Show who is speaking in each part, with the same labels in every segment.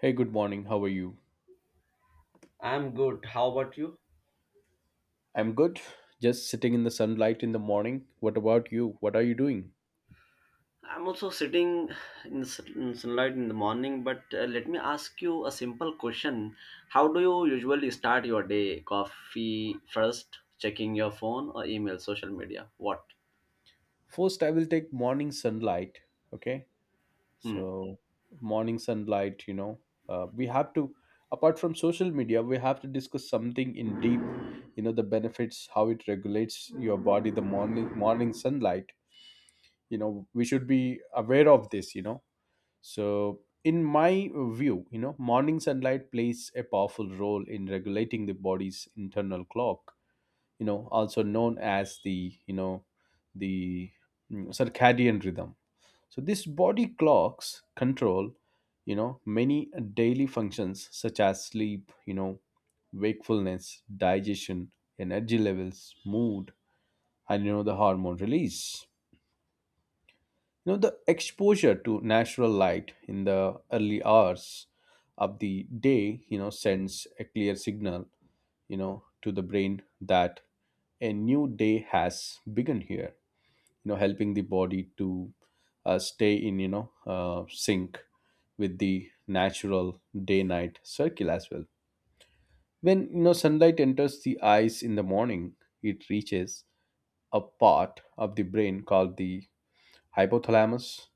Speaker 1: Hey, good morning. How are you?
Speaker 2: I'm good. How about you?
Speaker 1: I'm good. Just sitting in the sunlight in the morning. What about you? What are you doing?
Speaker 2: I'm also sitting in sunlight in the morning, but let me ask you a simple question. How do you usually start your day? Coffee first, checking your phone or email, social media? What?
Speaker 1: First, I will take morning sunlight. Okay.
Speaker 2: Hmm.
Speaker 1: So, morning sunlight, we have to, apart from social media, we have to discuss something in deep, the benefits, how it regulates your body, the morning sunlight. We should be aware of this. So, in my view, morning sunlight plays a powerful role in regulating the body's internal clock, also known as the circadian rhythm. So, this body clocks control, many daily functions such as sleep, wakefulness, digestion, energy levels, mood, and, the hormone release. The exposure to natural light in the early hours of the day, sends a clear signal, to the brain that a new day has begun here, helping the body to stay in sync with the natural day night circle as well. When sunlight enters the eyes in the morning, it reaches a part of the brain called the hypothalamus,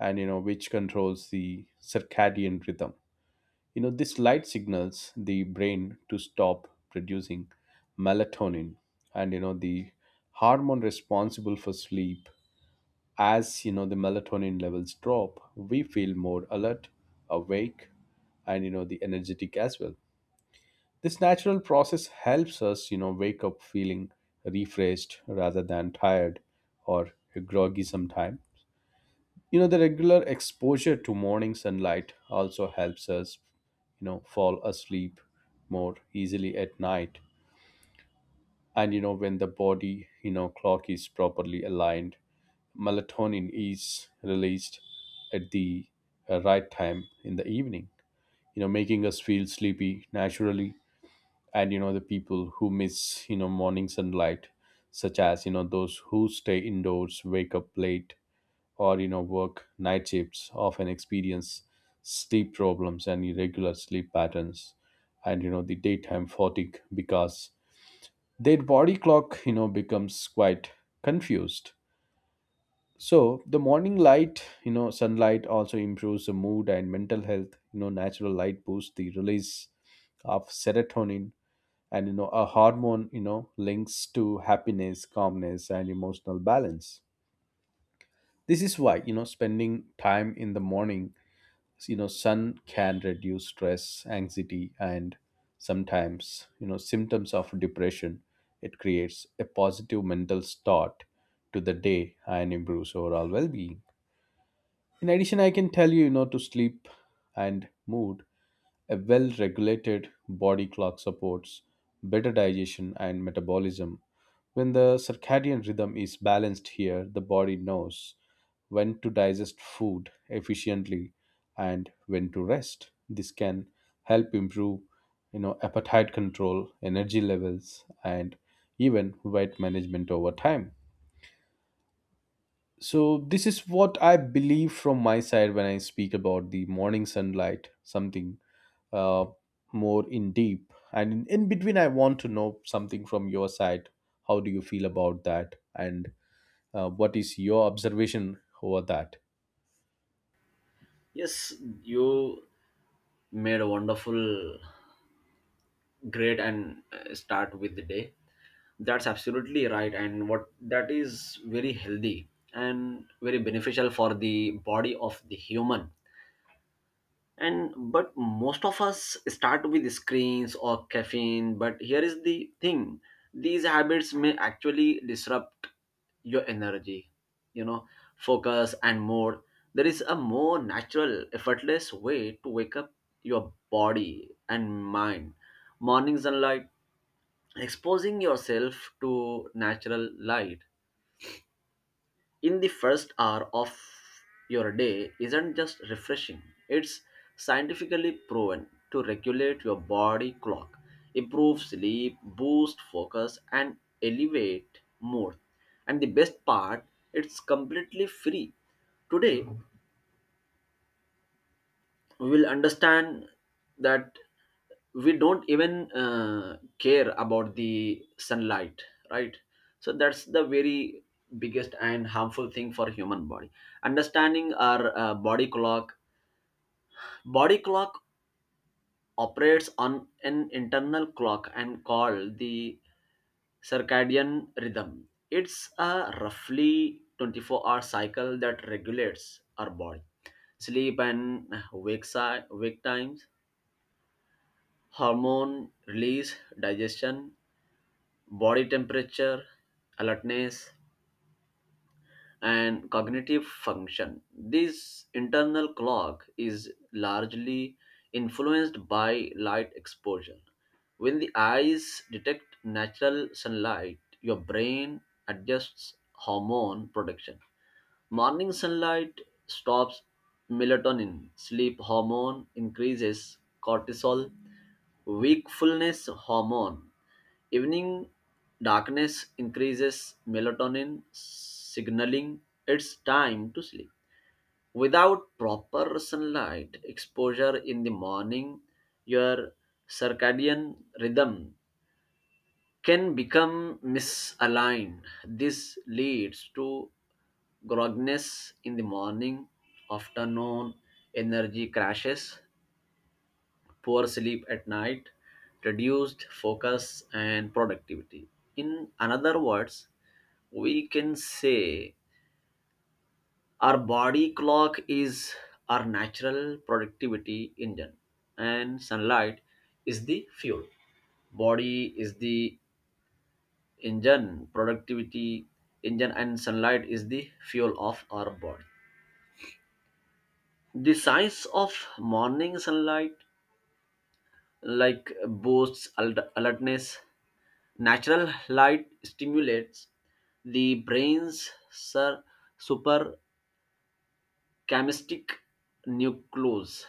Speaker 1: and which controls the circadian rhythm. This light signals the brain to stop producing melatonin, and the hormone responsible for sleep. As you know, the melatonin levels drop, we feel more alert, awake, and the energetic as well. This natural process helps us, wake up feeling refreshed rather than tired or groggy sometime. The regular exposure to morning sunlight also helps us, fall asleep more easily at night. And when the body, clock is properly aligned, melatonin is released at the right time in the evening, making us feel sleepy naturally. And the people who miss, morning sunlight, such as, those who stay indoors, wake up late, or work night shifts, often experience sleep problems and irregular sleep patterns, and the daytime fatigue because their body clock, becomes quite confused. So the morning light, sunlight also improves the mood and mental health. Natural light boosts the release of serotonin, and a hormone, links to happiness, calmness, and emotional balance. This is why, spending time in the morning, sun can reduce stress, anxiety, and sometimes, symptoms of depression. It creates a positive mental start to the day and improves overall well-being. In addition, I can tell you, you know to sleep and mood, a well regulated body clock supports better digestion and metabolism. When the circadian rhythm is balanced here, the body knows when to digest food efficiently and when to rest. This can help improve, appetite control, energy levels, and even weight management over time. So, this is what I believe from my side when I speak about the morning sunlight, something uh, more in deep. And in between, I want to know something from your side. How do you feel about that? And what is your observation over that?
Speaker 2: Yes, you made a wonderful, great, and start with the day. That's absolutely right, and what that is very healthy and very beneficial for the body of the human, and but most of us start with screens or caffeine, but here is the thing: these habits may actually disrupt your energy, you know focus, and more. There is a more natural, effortless way to wake up your body and mind: morning sunlight. Exposing yourself to natural light in the first hour of your day isn't just refreshing, it's scientifically proven to regulate your body clock, improve sleep, boost focus, and elevate mood. And the best part, it's completely free. Today, we will understand that we don't even care about the sunlight, right? So that's the very biggest and harmful thing for human body. Understanding our body clock. Body clock operates on an internal clock and called the circadian rhythm. It's a roughly 24-hour cycle that regulates our body sleep and wake times, hormone release, digestion, body temperature, alertness, and cognitive function. This internal clock is largely influenced by light exposure. When the eyes detect natural sunlight, your brain adjusts hormone production. Morning sunlight stops melatonin, sleep hormone, increases cortisol, wakefulness hormone. Evening darkness increases melatonin, signaling it's time to sleep. Without proper sunlight exposure in the morning, your circadian rhythm can become misaligned. This leads to grogginess in the morning, afternoon energy crashes, poor sleep at night, reduced focus and productivity. In another words, we can say our body clock is our natural productivity engine and sunlight is the fuel. Body is the engine, productivity engine, and sunlight is the fuel of our body. The science of morning sunlight, like, boosts alertness. Natural light stimulates the brain's super chemistry nucleus,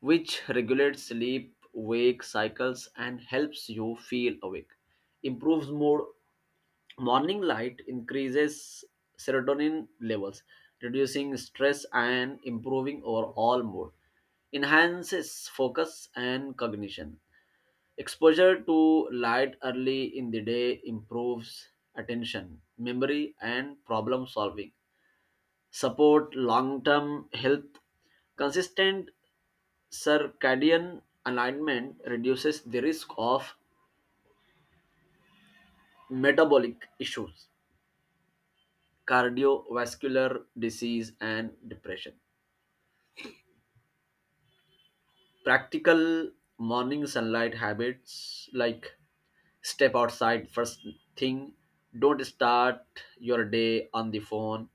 Speaker 2: which regulates sleep wake cycles and helps you feel awake, improves mood. Morning light increases serotonin levels, reducing stress and improving overall mood, enhances focus and cognition. Exposure to light early in the day improves attention, memory, and problem solving, support long-term health. Consistent circadian alignment reduces the risk of metabolic issues, cardiovascular disease, and depression. Practical morning sunlight habits, like step outside first thing, don't start your day on the phone.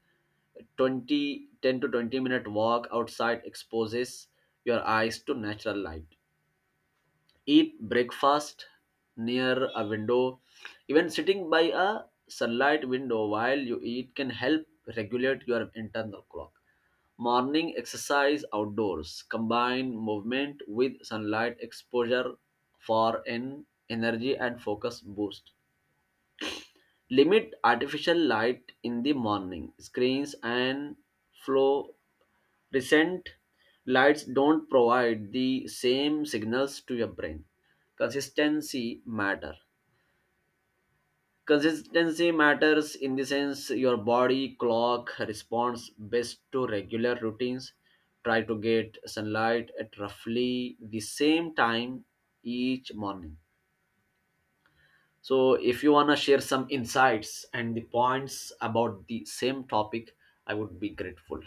Speaker 2: 20 10 to 20 minute walk outside exposes your eyes to natural light. Eat breakfast near a window. Even sitting by a sunlight window while you eat can help regulate your internal clock. Morning exercise outdoors, combine movement with sunlight exposure for an energy and focus boost. Limit artificial light in the morning. Screens and fluorescent lights don't provide the same signals to your brain. Consistency matter. Consistency matters in the sense your body clock responds best to regular routines. Try to get sunlight at roughly the same time each morning. So, if you want to share some insights and the points about the same topic, I would be grateful.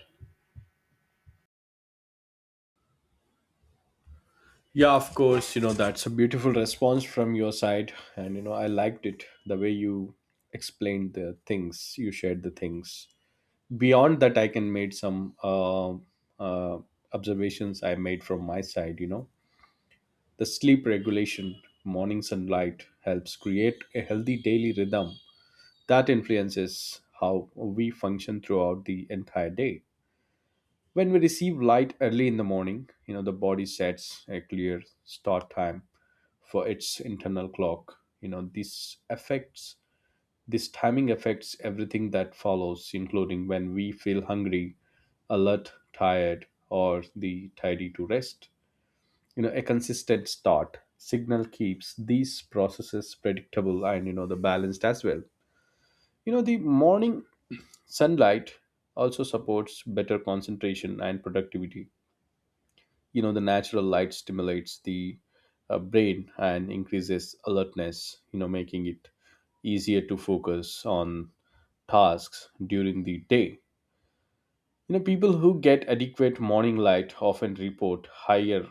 Speaker 1: Yeah, of course. You know, that's a beautiful response from your side. And, you know, I liked it the way you explained the things, you shared the things. Beyond that, I can made some uh, observations I made from my side. The sleep regulation, morning sunlight helps create a healthy daily rhythm that influences how we function throughout the entire day. When we receive light early in the morning, the body sets a clear start time for its internal clock. This timing affects everything that follows, including when we feel hungry, alert, tired, or the tidy to rest. You know, a consistent start signal keeps these processes predictable and, the balanced as well. You know, the morning sunlight also supports better concentration and productivity. You know, the natural light stimulates the brain and increases alertness, making it easier to focus on tasks during the day. You know, people who get adequate morning light often report higher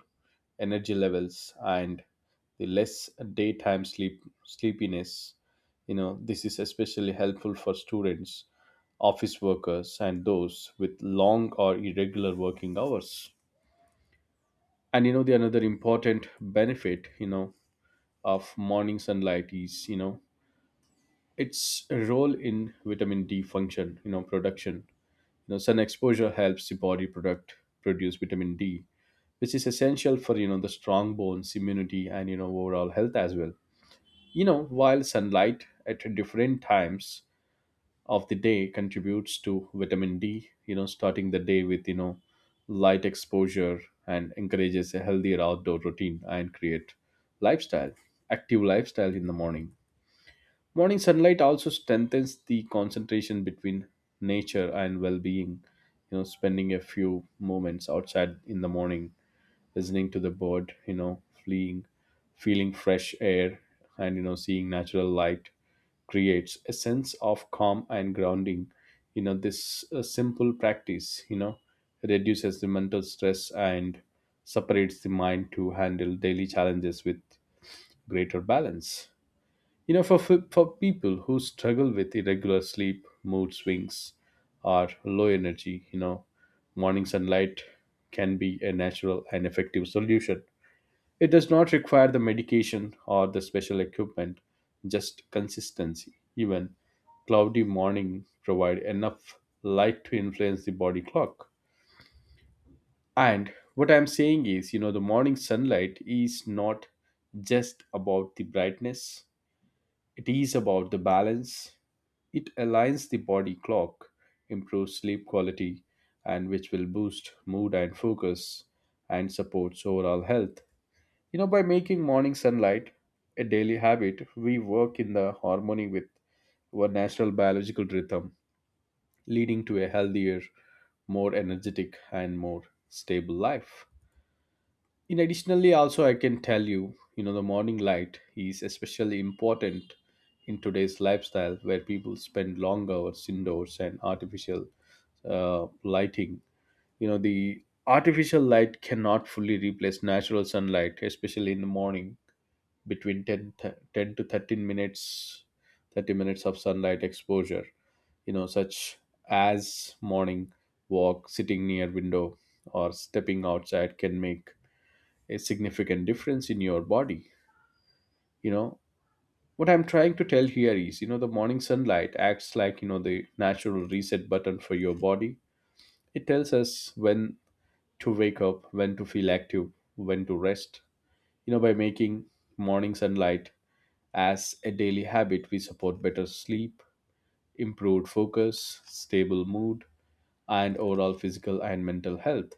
Speaker 1: energy levels and the less daytime sleepiness. You know, this is especially helpful for students, office workers, and those with long or irregular working hours. And you know, the another important benefit, of morning sunlight is, its role in vitamin D function, production. Sun exposure helps the body product produce vitamin D, which is essential for, the strong bones, immunity, and, overall health as well. You know, while sunlight at different times of the day contributes to vitamin D, starting the day with, light exposure, and encourages a healthier outdoor routine and create lifestyle, active lifestyle in the morning. Morning sunlight also strengthens the concentration between nature and well being. You know, spending a few moments outside in the morning, listening to the bird, fleeing, feeling fresh air, and, you know, seeing natural light creates a sense of calm and grounding. This simple practice, reduces the mental stress and separates the mind to handle daily challenges with greater balance. You know, for people who struggle with irregular sleep, mood swings, or low energy, morning sunlight can be a natural and effective solution. It does not require the medication or the special equipment, just consistency. Even cloudy morning provide enough light to influence the body clock. And what I'm saying is, you know, the morning sunlight is not just about the brightness, it is about the balance. It aligns the body clock, improves sleep quality, and which will boost mood and focus and supports overall health. You know, by making morning sunlight a daily habit, we work in the harmony with our natural biological rhythm, leading to a healthier, more energetic, and more stable life. In additionally also, I can tell you, you know the morning light is especially important in today's lifestyle where people spend long hours indoors and artificial lighting. You know, the artificial light cannot fully replace natural sunlight, especially in the morning. Between 10, 10 to 13 minutes, 30 minutes of sunlight exposure, such as morning walk, sitting near window, or stepping outside can make a significant difference in your body. You know, what I'm trying to tell here is, the morning sunlight acts like, the natural reset button for your body. It tells us when to wake up, when to feel active, when to rest. You know, by making morning sunlight as a daily habit, we support better sleep, improved focus, stable mood, and overall physical and mental health.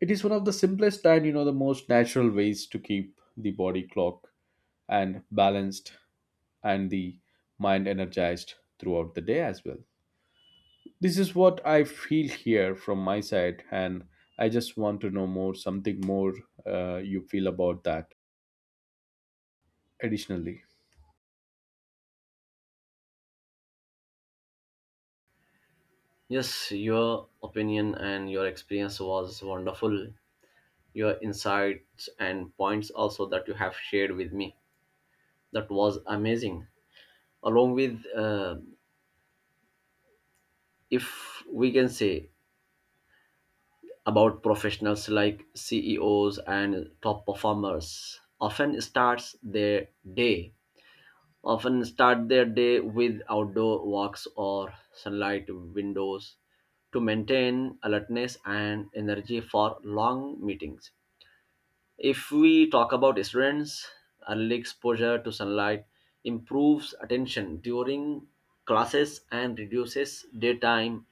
Speaker 1: It is one of the simplest and, the most natural ways to keep the body clock and balanced and the mind energized throughout the day as well. This is what I feel here from my side, and I just want to know more, something more you feel about that additionally.
Speaker 2: Yes, your opinion and your experience was wonderful. Your insights and points also that you have shared with me, that was amazing. Along with, if we can say, about professionals like CEOs and top performers, often start their day with outdoor walks or sunlight windows to maintain alertness and energy for long meetings. If we talk about students, early exposure to sunlight improves attention during classes and reduces daytime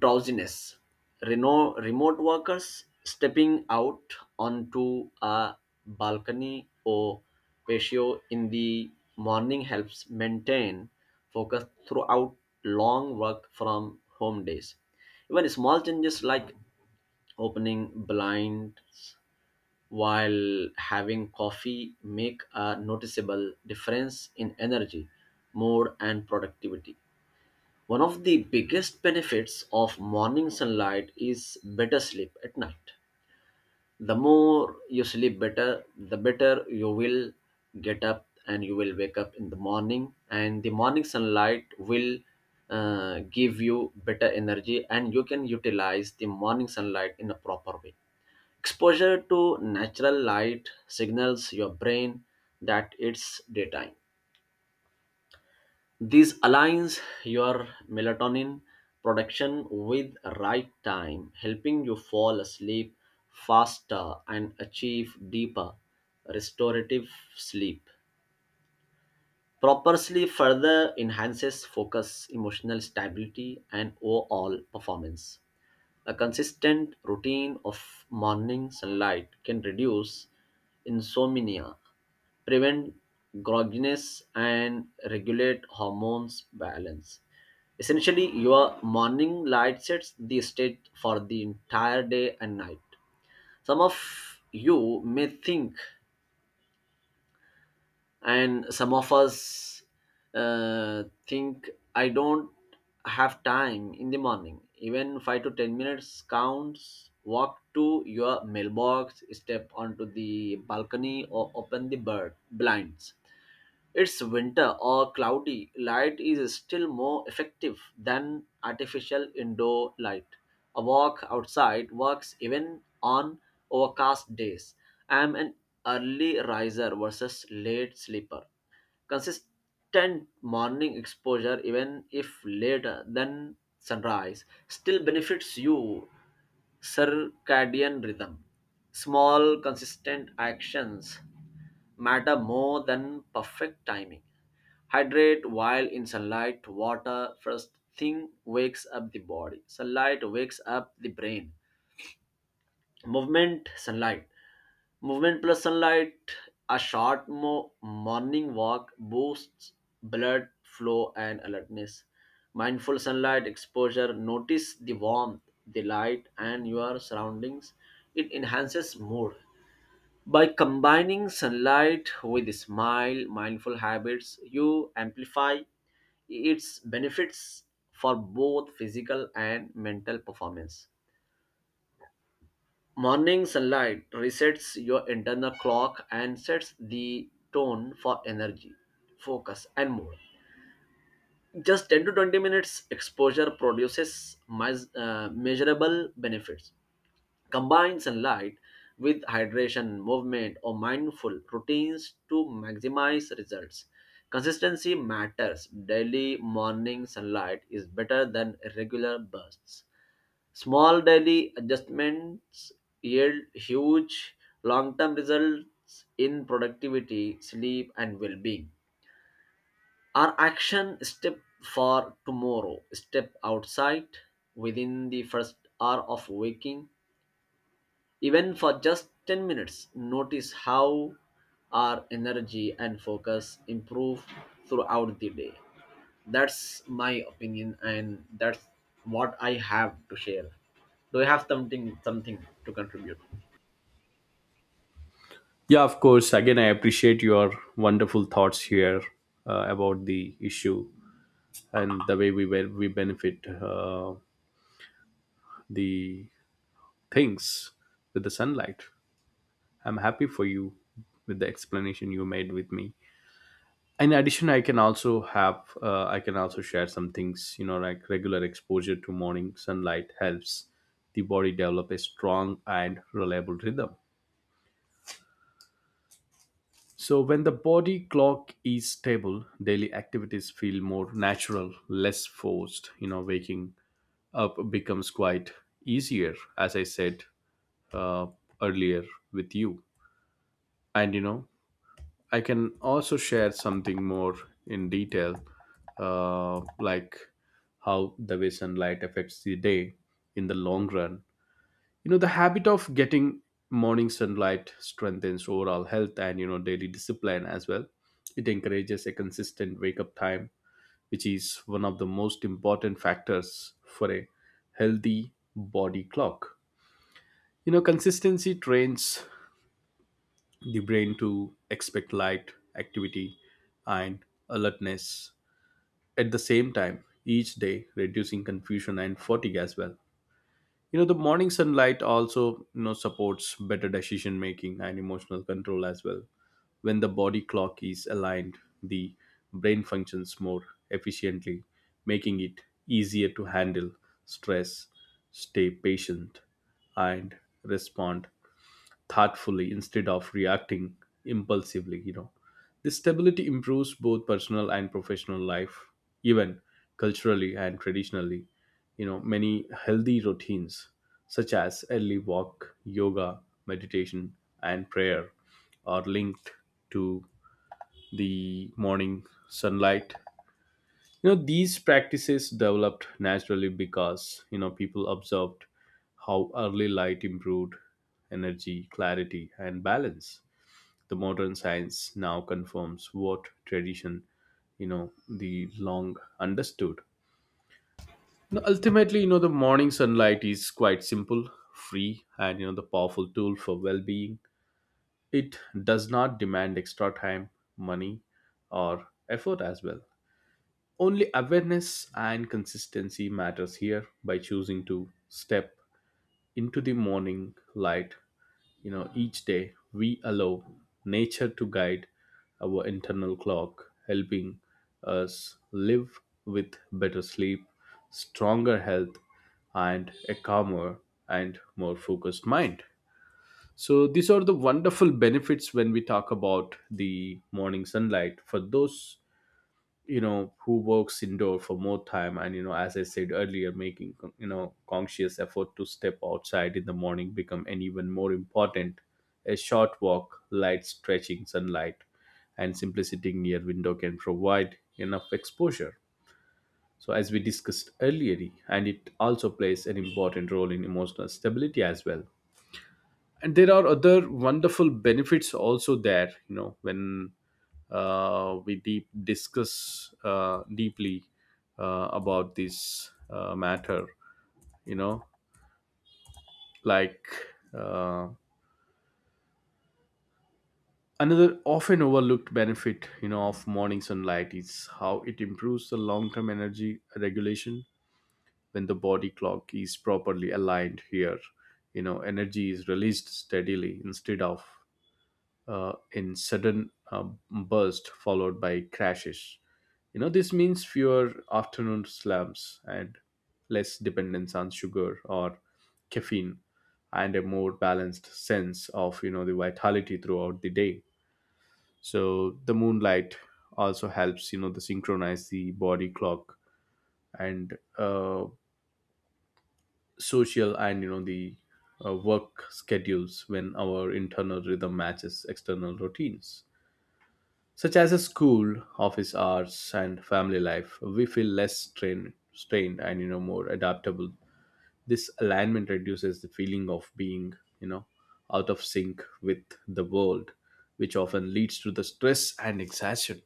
Speaker 2: drowsiness. Remote workers stepping out onto a balcony or patio in the morning helps maintain focus throughout long work from home days. Even small changes, like opening blinds while having coffee, make a noticeable difference in energy, mood, and productivity. One of the biggest benefits of morning sunlight is better sleep at night. The more you sleep better, the better you will get up and you will wake up in the morning. And the morning sunlight will give you better energy and you can utilize the morning sunlight in a proper way. Exposure to natural light signals your brain that it's daytime. This aligns your melatonin production with right time, helping you fall asleep faster and achieve deeper restorative sleep. Proper sleep further enhances focus, emotional stability, and overall performance. A consistent routine of morning sunlight can reduce insomnia, prevent grogginess, and regulate hormones balance. Essentially, your morning light sets the stage for the entire day and night. Some of you may think and some of us think, I don't have time in the morning. Even 5 to 10 minutes counts. Walk to your mailbox, step onto the balcony, or open the bird blinds. It's winter or cloudy, light is still more effective than artificial indoor light. A walk outside works even on overcast days. I'm an early riser versus late sleeper. Consistent morning exposure, even if later than sunrise, still benefits you circadian rhythm. Small, consistent actions matter more than perfect timing. Hydrate while in sunlight, water first thing wakes up the body. Sunlight wakes up the brain. Movement sunlight, movement plus sunlight, a short morning walk boosts blood flow and alertness. Mindful sunlight exposure, notice the warmth, the light, and your surroundings. It enhances mood. By combining sunlight with smile mindful habits, you amplify its benefits for both physical and mental performance. Morning sunlight resets your internal clock and sets the tone for energy, focus, and mood. Just 10 to 20 minutes exposure produces measurable benefits. Combine sunlight with hydration, movement, or mindful routines to maximize results. Consistency matters. Daily morning sunlight is better than irregular bursts. Small daily adjustments yield huge long term results in productivity, sleep, and well being. Our action step for tomorrow, step outside within the first hour of waking, even for just 10 minutes, notice how our energy and focus improve throughout the day. That's my opinion and that's what I have to share. Do you have something to contribute?
Speaker 1: Yeah, of course. Again, I appreciate your wonderful thoughts here about the issue and the way we were. We benefit the things with the sunlight. I'm happy for you with the explanation you made with me. In addition, I can also have I can also share some things, you know, like regular exposure to morning sunlight helps the body develop a strong and reliable rhythm. So when the body clock is stable, daily activities feel more natural, less forced. You know, waking up becomes quite easier, as I said uh, earlier with you. And you know, I can also share something more in detail, like how the way sunlight affects the day in the long run. You know, the habit of getting morning sunlight strengthens overall health and, you know, daily discipline as well. It encourages a consistent wake up time, which is one of the most important factors for a healthy body clock. You know, consistency trains the brain to expect light, activity, and alertness at the same time each day, reducing confusion and fatigue as well. You know, the morning sunlight also, supports better decision making and emotional control as well. When the body clock is aligned, the brain functions more efficiently, making it easier to handle stress, stay patient, and respond thoughtfully instead of reacting impulsively. This stability improves both personal and professional life. Even culturally and traditionally, many healthy routines such as early walk, yoga, meditation, and prayer are linked to the morning sunlight. These practices developed naturally because, people observed how early light improved energy, clarity, and balance. The modern science now confirms what tradition, you know the long understood. You ultimately, the morning sunlight is quite simple, free, and, the powerful tool for well-being. It does not demand extra time, money, or effort as well, only awareness and consistency matters here. By choosing to step into the morning light, each day we allow nature to guide our internal clock, helping us live with better sleep, stronger health, and a calmer and more focused mind. So, these are the wonderful benefits when we talk about the morning sunlight. For those, who works indoor for more time and, as I said earlier, making, conscious effort to step outside in the morning become an even more important. A short walk, light stretching, sunlight, and simply sitting near window can provide enough exposure. So as we discussed earlier, and it also plays an important role in emotional stability as well. And there are other wonderful benefits also there, when we deep discuss deeply about this matter. you know like uh, another often overlooked benefit, of morning sunlight is how it improves the long-term energy regulation. When the body clock is properly aligned here, energy is released steadily instead of in sudden burst followed by crashes. You know, this means fewer afternoon slumps and less dependence on sugar or caffeine, and a more balanced sense of, you know, the vitality throughout the day. So the moonlight also helps, you know, to synchronize the body clock and social and, the work schedules when our internal rhythm matches external routines such as a school, office hours, and family life. We feel less strained and, more adaptable. This alignment reduces the feeling of being, you know out of sync with the world, which often leads to the stress and exhaustion.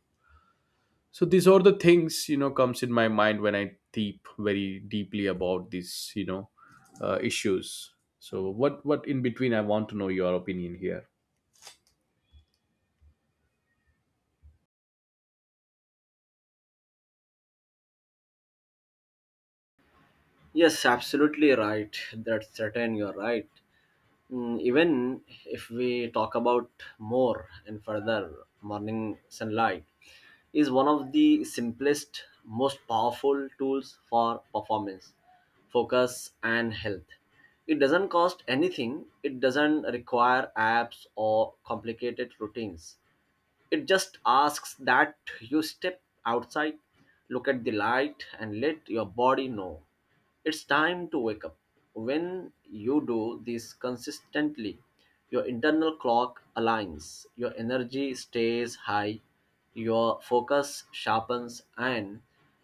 Speaker 1: So these are the things, comes in my mind when I deep very deeply about these, issues. So what in between I want to know your opinion here.
Speaker 2: Yes, absolutely right, that's certain, you're right. Even if we talk about more and further, morning sunlight is one of the simplest, most powerful tools for performance, focus, and health. It doesn't cost anything, it doesn't require apps or complicated routines. It just asks that you step outside, look at the light, and let your body know it's time to wake up. When you do this consistently, your internal clock aligns, your energy stays high, your focus sharpens, and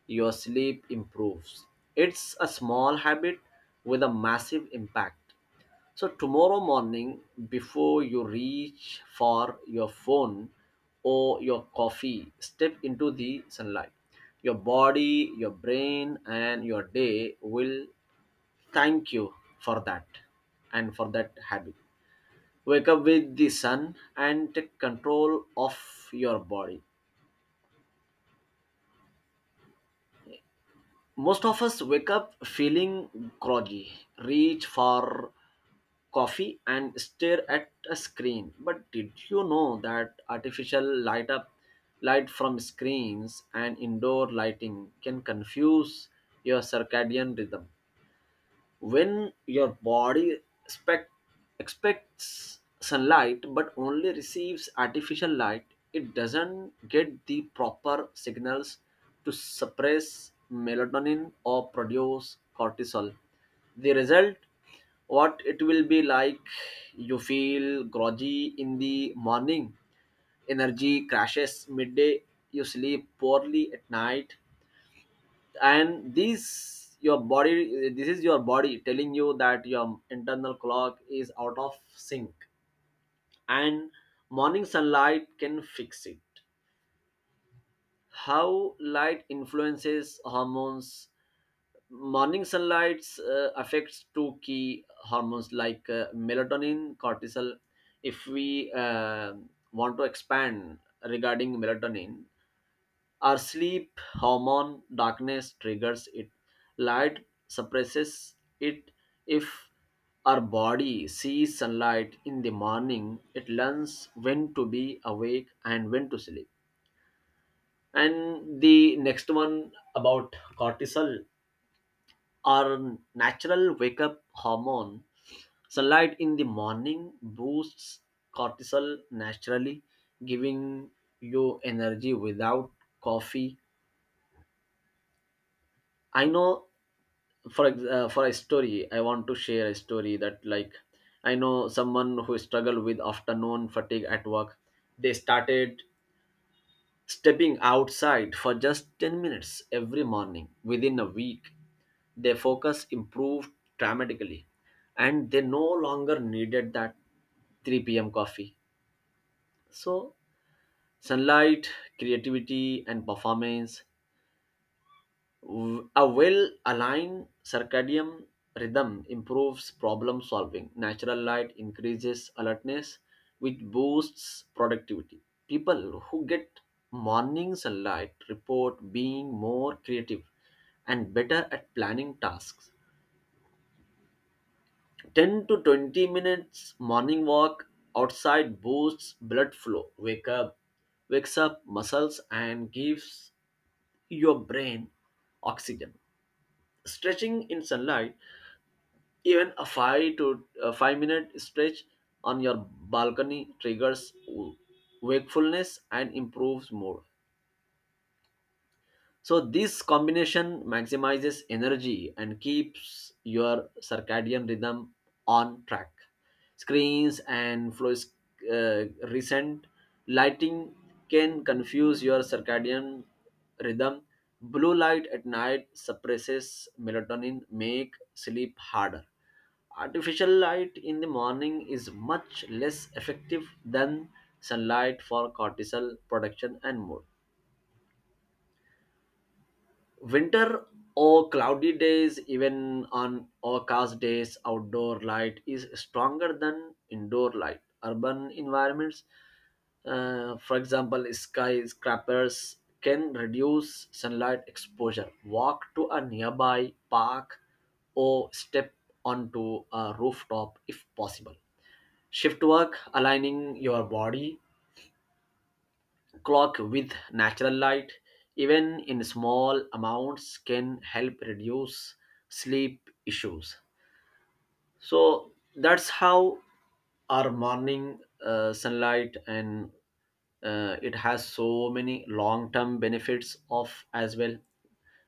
Speaker 2: your sleep improves. It's a small habit with a massive impact. So tomorrow morning, before you reach for your phone or your coffee, step into the sunlight. Your body, your brain, and your day will thank you for that and for that habit. Wake up with the sun and take control of your body. Most of us wake up feeling groggy, reach for coffee, and stare at a screen. But did you know that artificial light from screens and indoor lighting can confuse your circadian rhythm? When your body expects sunlight but only receives artificial light, it doesn't get the proper signals to suppress melatonin or produce cortisol. The result, what it will be like: you feel groggy in the morning, energy crashes midday, you sleep poorly at night. And this is your body telling you that your internal clock is out of sync. And morning sunlight can fix it. How light influences hormones. Morning sunlight affects two key hormones, like melatonin, cortisol. If we want to expand regarding melatonin. Our sleep hormone, darkness triggers it. Light suppresses it. If our body sees sunlight in the morning, it learns when to be awake and when to sleep. And the next one, about cortisol, our natural wake up hormone. Sunlight in the morning boosts cortisol naturally, giving you energy without coffee. I know, for a story, I want to share a story that, like, I know someone who struggled with afternoon fatigue at work. They started stepping outside for just 10 minutes every morning. Within a week, their focus improved dramatically and they no longer needed that 3 p.m. coffee. So, sunlight, creativity and performance. A well aligned circadian rhythm improves problem solving. Natural light increases alertness, which boosts productivity. People who get morning sunlight report being more creative and better at planning tasks. 10 to 20 minutes morning walk outside boosts blood flow, wakes up muscles, and gives your brain oxygen. Stretching in sunlight. Even a 5-minute stretch on your balcony triggers wakefulness and improves mood. So this combination maximizes energy and keeps your circadian rhythm on track. Screens and fluorescent, recent lighting can confuse your circadian rhythm. Blue light at night suppresses melatonin, make sleep harder. Artificial light in the morning is much less effective than sunlight for cortisol production and mood. Winter or cloudy days, even on overcast days, outdoor light is stronger than indoor light. Urban environments, for example, skyscrapers, can reduce sunlight exposure. Walk to a nearby park or step onto a rooftop if possible. Shift work, aligning your body clock with natural light, even in small amounts, can help reduce sleep issues. So that's how our morning sunlight, and it has so many long term benefits of as well.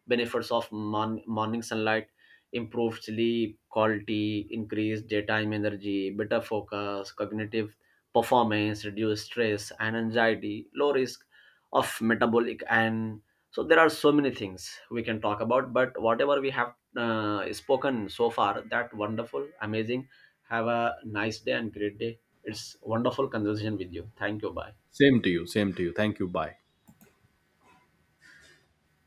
Speaker 2: Benefits of morning sunlight: improved sleep quality, increased daytime energy, better focus, cognitive performance, reduced stress and anxiety, low risk of metabolic, and so there are so many things we can talk about. But whatever we have spoken so far, that wonderful amazing. Have a nice day and great day. It's wonderful conversation with you. Thank you. Bye.
Speaker 1: Same to you. Same to you. Thank you. Bye.